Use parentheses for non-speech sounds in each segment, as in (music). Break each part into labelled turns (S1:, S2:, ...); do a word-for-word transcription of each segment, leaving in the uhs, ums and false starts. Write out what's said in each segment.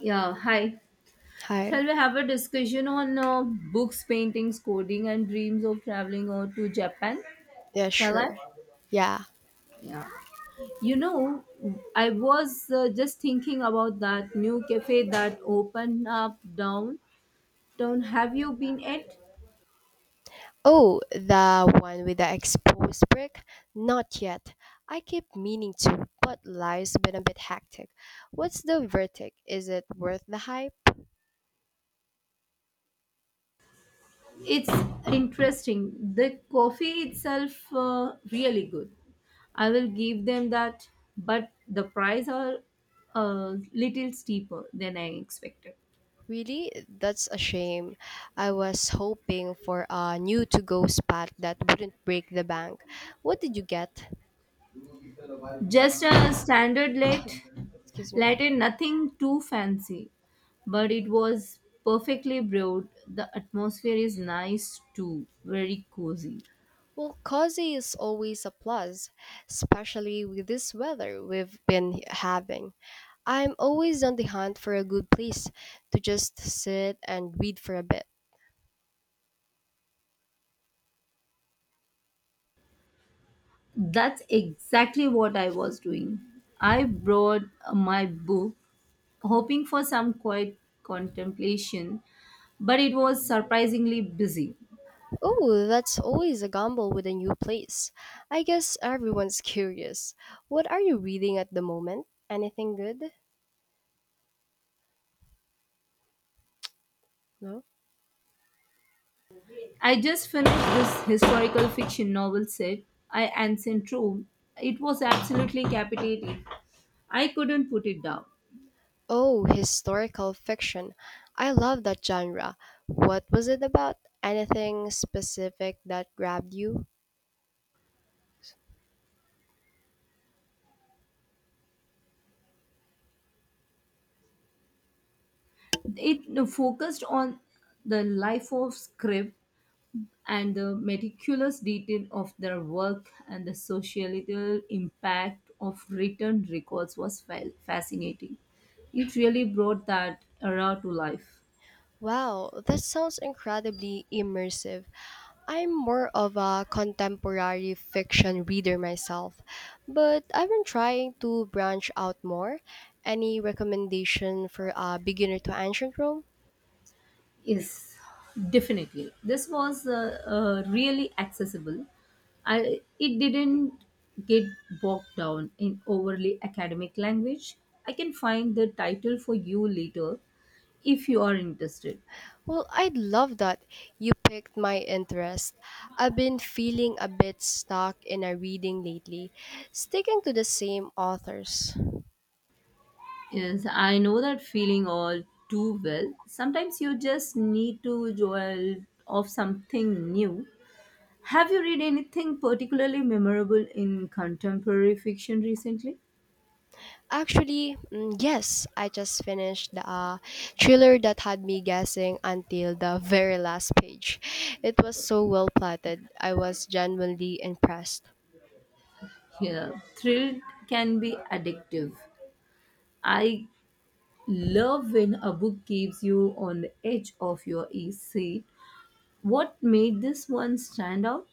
S1: Yeah, hi.
S2: Hi.
S1: Shall we have a discussion on uh, books, paintings, coding, and dreams of traveling or to Japan?
S2: Yeah,
S1: Shall I?
S2: sure. Yeah.
S1: Yeah. You know, I was uh, just thinking about that new cafe that opened up downtown. Have you been at?
S2: Oh, the one with the exposed brick? Not yet. I keep meaning to, but life's been a bit hectic. What's the verdict? Is it worth the hype?
S1: It's interesting. The coffee itself uh, really good. I will give them that, but the price are a little steeper than I expected.
S2: Really? That's a shame. I was hoping for a new to go spot that wouldn't break the bank. What did you get?
S1: Just a standard late
S2: Excuse me.
S1: Latin, nothing too fancy, but it was perfectly brewed. The atmosphere is nice too, very cozy.
S2: Well, cozy is always a plus, especially with this weather we've been having. I'm always on the hunt for a good place to just sit and read for a bit.
S1: That's exactly what I was doing. I brought my book, hoping for some quiet contemplation, but it was surprisingly busy.
S2: Oh, that's always a gamble with a new place. I guess everyone's (laughs) curious. What are you reading at the moment? Anything good? No?
S1: I just finished this historical fiction novel set, I Ancient Rome. It was absolutely captivating. I couldn't put it down.
S2: Oh, historical fiction. I love that genre. What was it about? Anything specific that grabbed you?
S1: It focused on the life of Scribb and the meticulous detail of their work and the societal impact of written records was fa- fascinating. It really brought that era to life.
S2: Wow, that sounds incredibly immersive. I'm more of a contemporary fiction reader myself, but I've been trying to branch out more. Any recommendation for a beginner to ancient Rome?
S1: Yes, definitely. This was uh, uh, really accessible. I, it didn't get bogged down in overly academic language. I can find the title for you later if you are interested.
S2: Well, I'd love that. You picked my interest. I've been feeling a bit stuck in a reading lately, sticking to the same authors.
S1: Yes, I know that feeling all too well. Sometimes you just need to jolt off something new. Have you read anything particularly memorable in contemporary fiction recently?
S2: Actually, mm, yes, I just finished the uh, thriller that had me guessing until the very last page. It was so well plotted. I was genuinely impressed.
S1: Yeah, thrill can be addictive. I love when a book keeps you on the edge of your e- seat. What made this one stand out?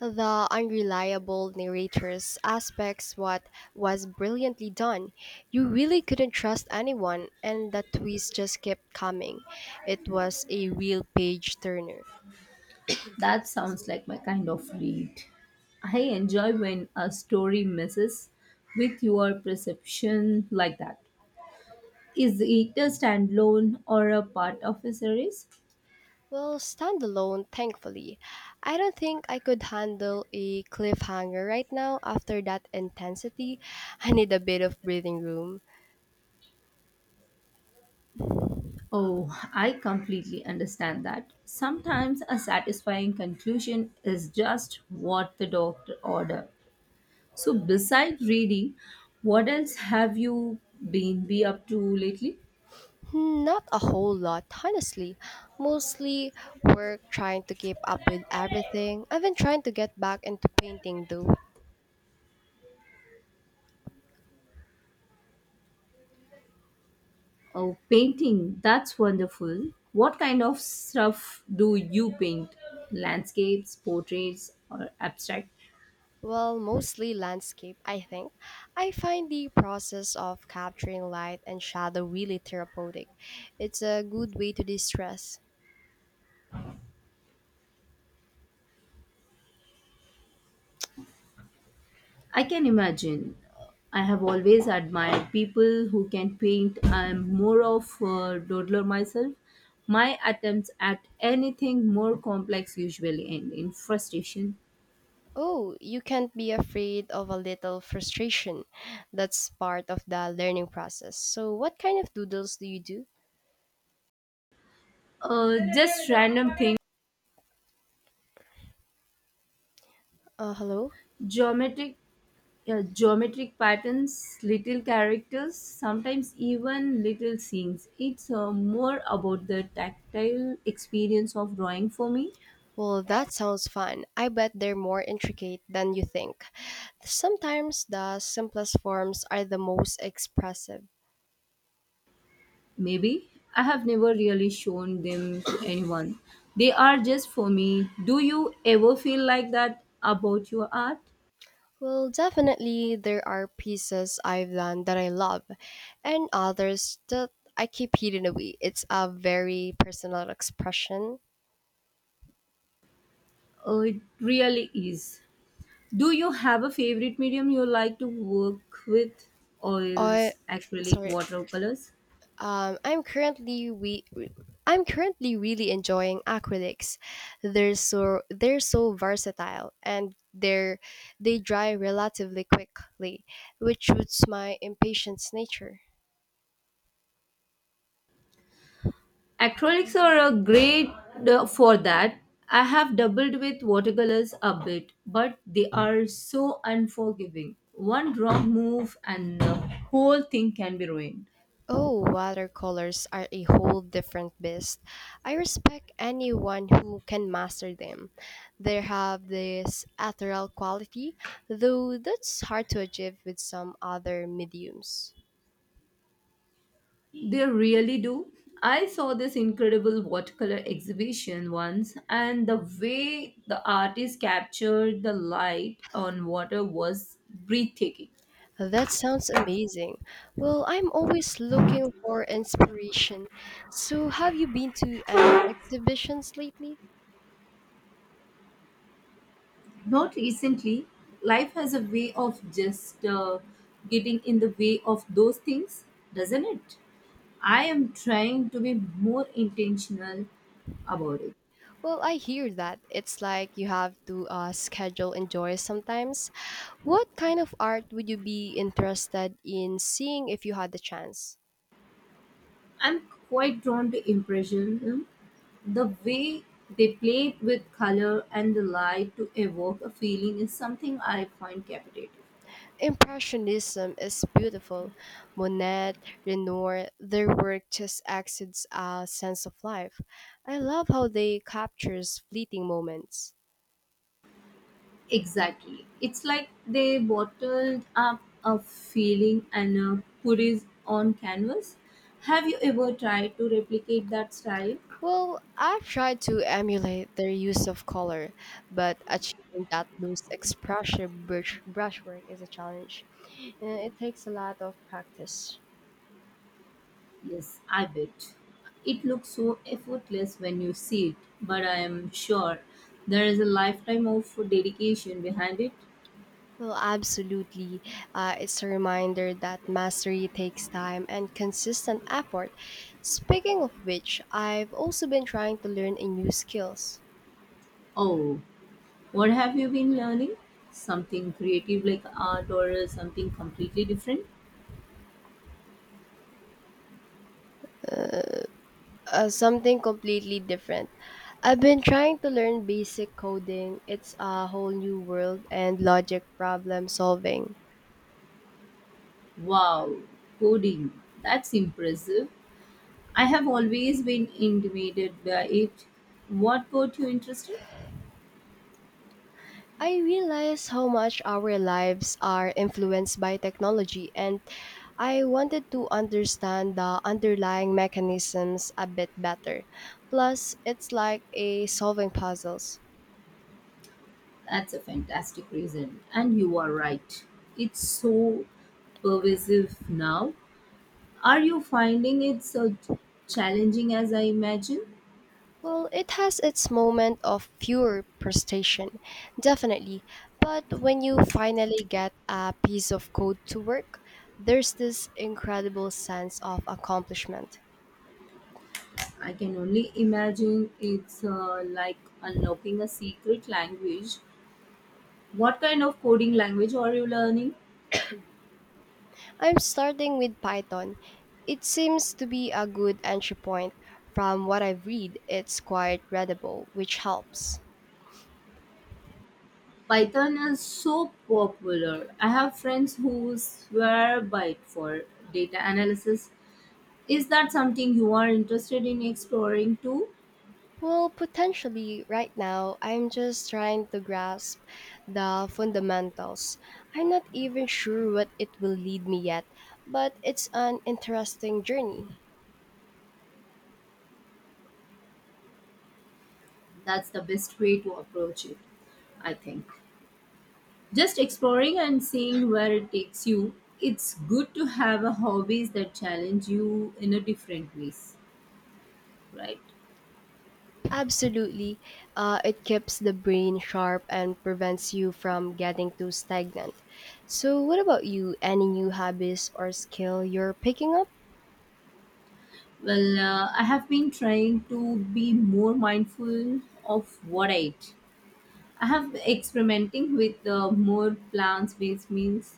S2: The unreliable narrator's aspects what was brilliantly done. You really couldn't trust anyone and the twist just kept coming. It was a real page turner.
S1: That
S2: Excuse
S1: sounds
S2: me.
S1: like my kind of read. I enjoy when a story messes with your perception like that. Is it a standalone or a part of a series?
S2: Well, standalone, thankfully. I don't think I could handle a cliffhanger right now after that intensity. (laughs) I need a bit of breathing room.
S1: Oh, I completely understand that. Sometimes a satisfying conclusion is just what the doctor ordered. So, besides reading, what else have you been be up to lately?
S2: Hmm, Not a whole lot, honestly. Mostly work trying to keep up with everything. I've been trying to get back into painting though.
S1: Oh, painting. That's wonderful. What kind of stuff do you paint? Landscapes, portraits, or abstract?
S2: Well, mostly landscape, I think. I find the process of capturing light and shadow really therapeutic. It's a good way to de stress.
S1: I can imagine. I have always admired people who can paint. I'm more of a doodler myself. My attempts at anything more complex usually end in frustration.
S2: Oh, you can't be afraid of a little frustration. That's part of the learning process. So, what kind of doodles do you do?
S1: Uh, just random things.
S2: Uh, hello?
S1: Geometric, yeah, geometric patterns, little characters, sometimes even little scenes. It's uh, more about the tactile experience of drawing for me.
S2: Well, that sounds fun. I bet they're more intricate than you think. Sometimes the simplest forms are the most expressive.
S1: Maybe. I have never really shown them to anyone. They are just for me. Do you ever feel like that about your art?
S2: Well, definitely there are pieces I've done that I love, and others that I keep hidden away. It's a very personal expression.
S1: Oh, it really is. Do you have a favorite medium you like to work with? Oils,
S2: I,
S1: acrylic,
S2: sorry,
S1: watercolors?
S2: Um, I'm currently we I'm currently really enjoying acrylics. They're so they're so versatile and they're they dry relatively quickly, which suits my impatience nature.
S1: Acrylics are a great uh, for that. I have doubled with watercolors a bit, but they are so unforgiving. One wrong move and the whole thing can be ruined.
S2: Oh, watercolors are a whole different beast. I respect anyone who can master them. They have this ethereal quality, though that's hard to achieve with some other mediums.
S1: They really do. I saw this incredible watercolor exhibition once, and the way the artist captured the light on water was breathtaking.
S2: That sounds amazing. Well, I'm always looking for inspiration. So, have you been to any exhibitions lately?
S1: Not recently. Life has a way of just uh, getting in the way of those things, doesn't it? I am trying to be more intentional about it.
S2: Well, I hear that. It's like you have to uh, schedule and joy sometimes. What kind of art would you be interested in seeing if you had the chance?
S1: I'm quite drawn to impressionism. The way they play with color and the light to evoke a feeling is something I find captivating.
S2: Impressionism is beautiful. Monet, Renoir, their work just exudes a sense of life. I love how they captures fleeting moments.
S1: Exactly. It's like they bottled up a feeling and uh, put it on canvas. Have you ever tried to replicate that style?
S2: Well, I've tried to emulate their use of color, but achieving that loose expression brush brushwork is a challenge, and it takes a lot of practice.
S1: Yes, I bet. It looks so effortless when you see it, but I am sure there is a lifetime of dedication behind it.
S2: Well, absolutely. Uh, it's a reminder that mastery takes time and consistent effort. Speaking of which, I've also been trying to learn a new skills.
S1: Oh, what have you been learning? Something creative like art or something completely different?
S2: Uh, something completely different. I've been trying to learn basic coding. It's a whole new world and logic problem solving.
S1: Wow, coding. That's impressive. I have always been intimidated by it. What got you interested?
S2: I realize how much our lives are influenced by technology, and I wanted to understand the underlying mechanisms a bit better. Plus, it's like a solving puzzles.
S1: That's a fantastic reason. And you are right. It's so pervasive now. Are you finding it so challenging as I imagine?
S2: Well, it has its moment of pure frustration, definitely. But when you finally get a piece of code to work, there's this incredible sense of accomplishment.
S1: I can only imagine it's uh, like unlocking a secret language. What kind of coding language are you learning?
S2: I'm starting with Python. It seems to be a good entry point. From what I've read, it's quite readable, which helps.
S1: Python is so popular. I have friends who swear by it for data analysis. Is that something you are interested in exploring too?
S2: Well, potentially, right now, I'm just trying to grasp the fundamentals. I'm not even sure what it will lead me yet, but it's an interesting journey.
S1: That's the best way to approach it, I think. Just exploring and seeing where it takes you. It's good to have a hobbies that challenge you in a different ways, right?
S2: Absolutely. Uh, it keeps the brain sharp and prevents you from getting too stagnant. So, what about you? Any new hobbies or skill you're picking up?
S1: Well, uh, I have been trying to be more mindful of what I eat. I have experimenting with uh, more plants-based meals.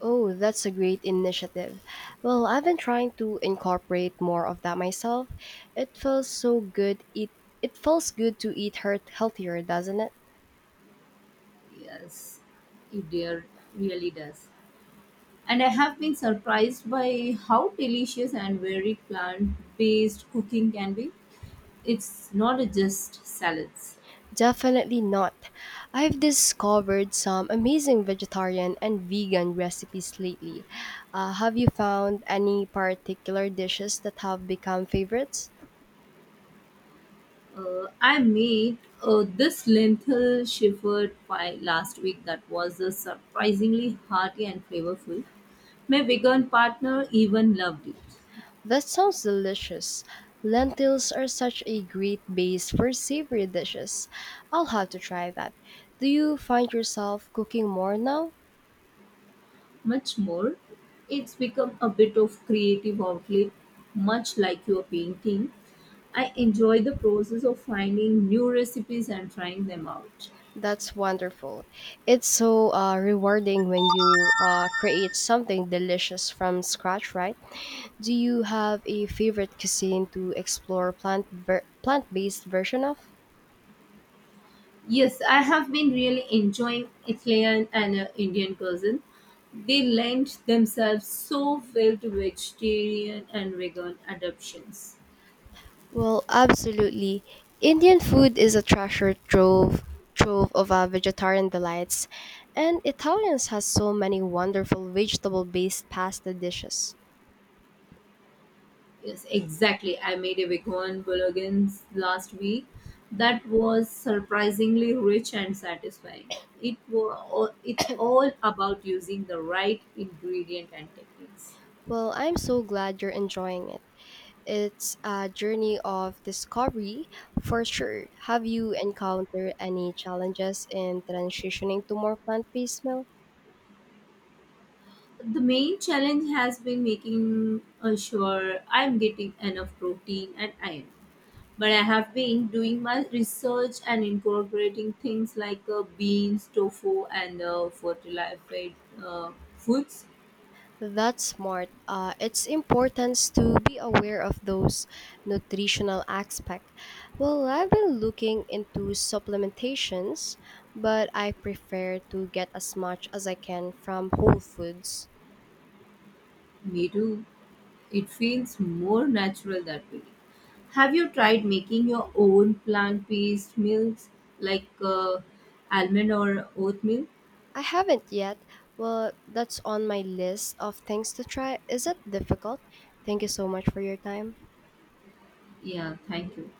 S2: Oh, that's a great initiative. Well, I've been trying to incorporate more of that myself. It feels so good. It it feels good to eat heart- healthier, doesn't it?
S1: Yes, it dear really does. And I have been surprised by how delicious and very plant based cooking can be. It's not just salads.
S2: Definitely not. I've discovered some amazing vegetarian and vegan recipes lately. Uh, have you found any particular dishes that have become favorites?
S1: Uh, I made uh, this lentil shepherd pie last week that was uh, surprisingly hearty and flavorful. My vegan partner even loved it.
S2: That sounds delicious. Lentils are such a great base for savory dishes. I'll have to try that. Do you find yourself cooking more now?
S1: Much more. It's become a bit of creative outlet, much like your painting. I enjoy the process of finding new recipes and trying them out.
S2: That's wonderful. It's so uh, rewarding when you uh, create something delicious from scratch, right? Do you have a favorite cuisine to explore plant ver- plant-based version of?
S1: Yes, I have been really enjoying Italian and uh, Indian cuisine. They lend themselves so well to vegetarian and vegan adoptions.
S2: Well, absolutely. Indian food is a treasure trove trove of uh, vegetarian delights, and Italians has so many wonderful vegetable-based pasta dishes.
S1: Yes, exactly. I made a vegan bolognese last week that was surprisingly rich and satisfying. It was, it's all about using the right ingredient and techniques.
S2: Well, I'm so glad you're enjoying it. It's a journey of discovery for sure. Have you encountered any challenges in transitioning to more plant-based meals?
S1: The main challenge has been making uh, sure I'm getting enough protein and iron. But I have been doing my research and incorporating things like uh, beans, tofu, and uh, fortified uh, foods.
S2: That's smart. Uh, it's important to be aware of those nutritional aspect. Well, I've been looking into supplementations, but I prefer to get as much as I can from whole foods.
S1: Me too. It feels more natural that way. Have you tried making your own plant-based milks like uh, almond or oat milk?
S2: I haven't yet. Well, that's on my list of things to try. Is it difficult? Thank you so much for your time.
S1: Yeah, thank you.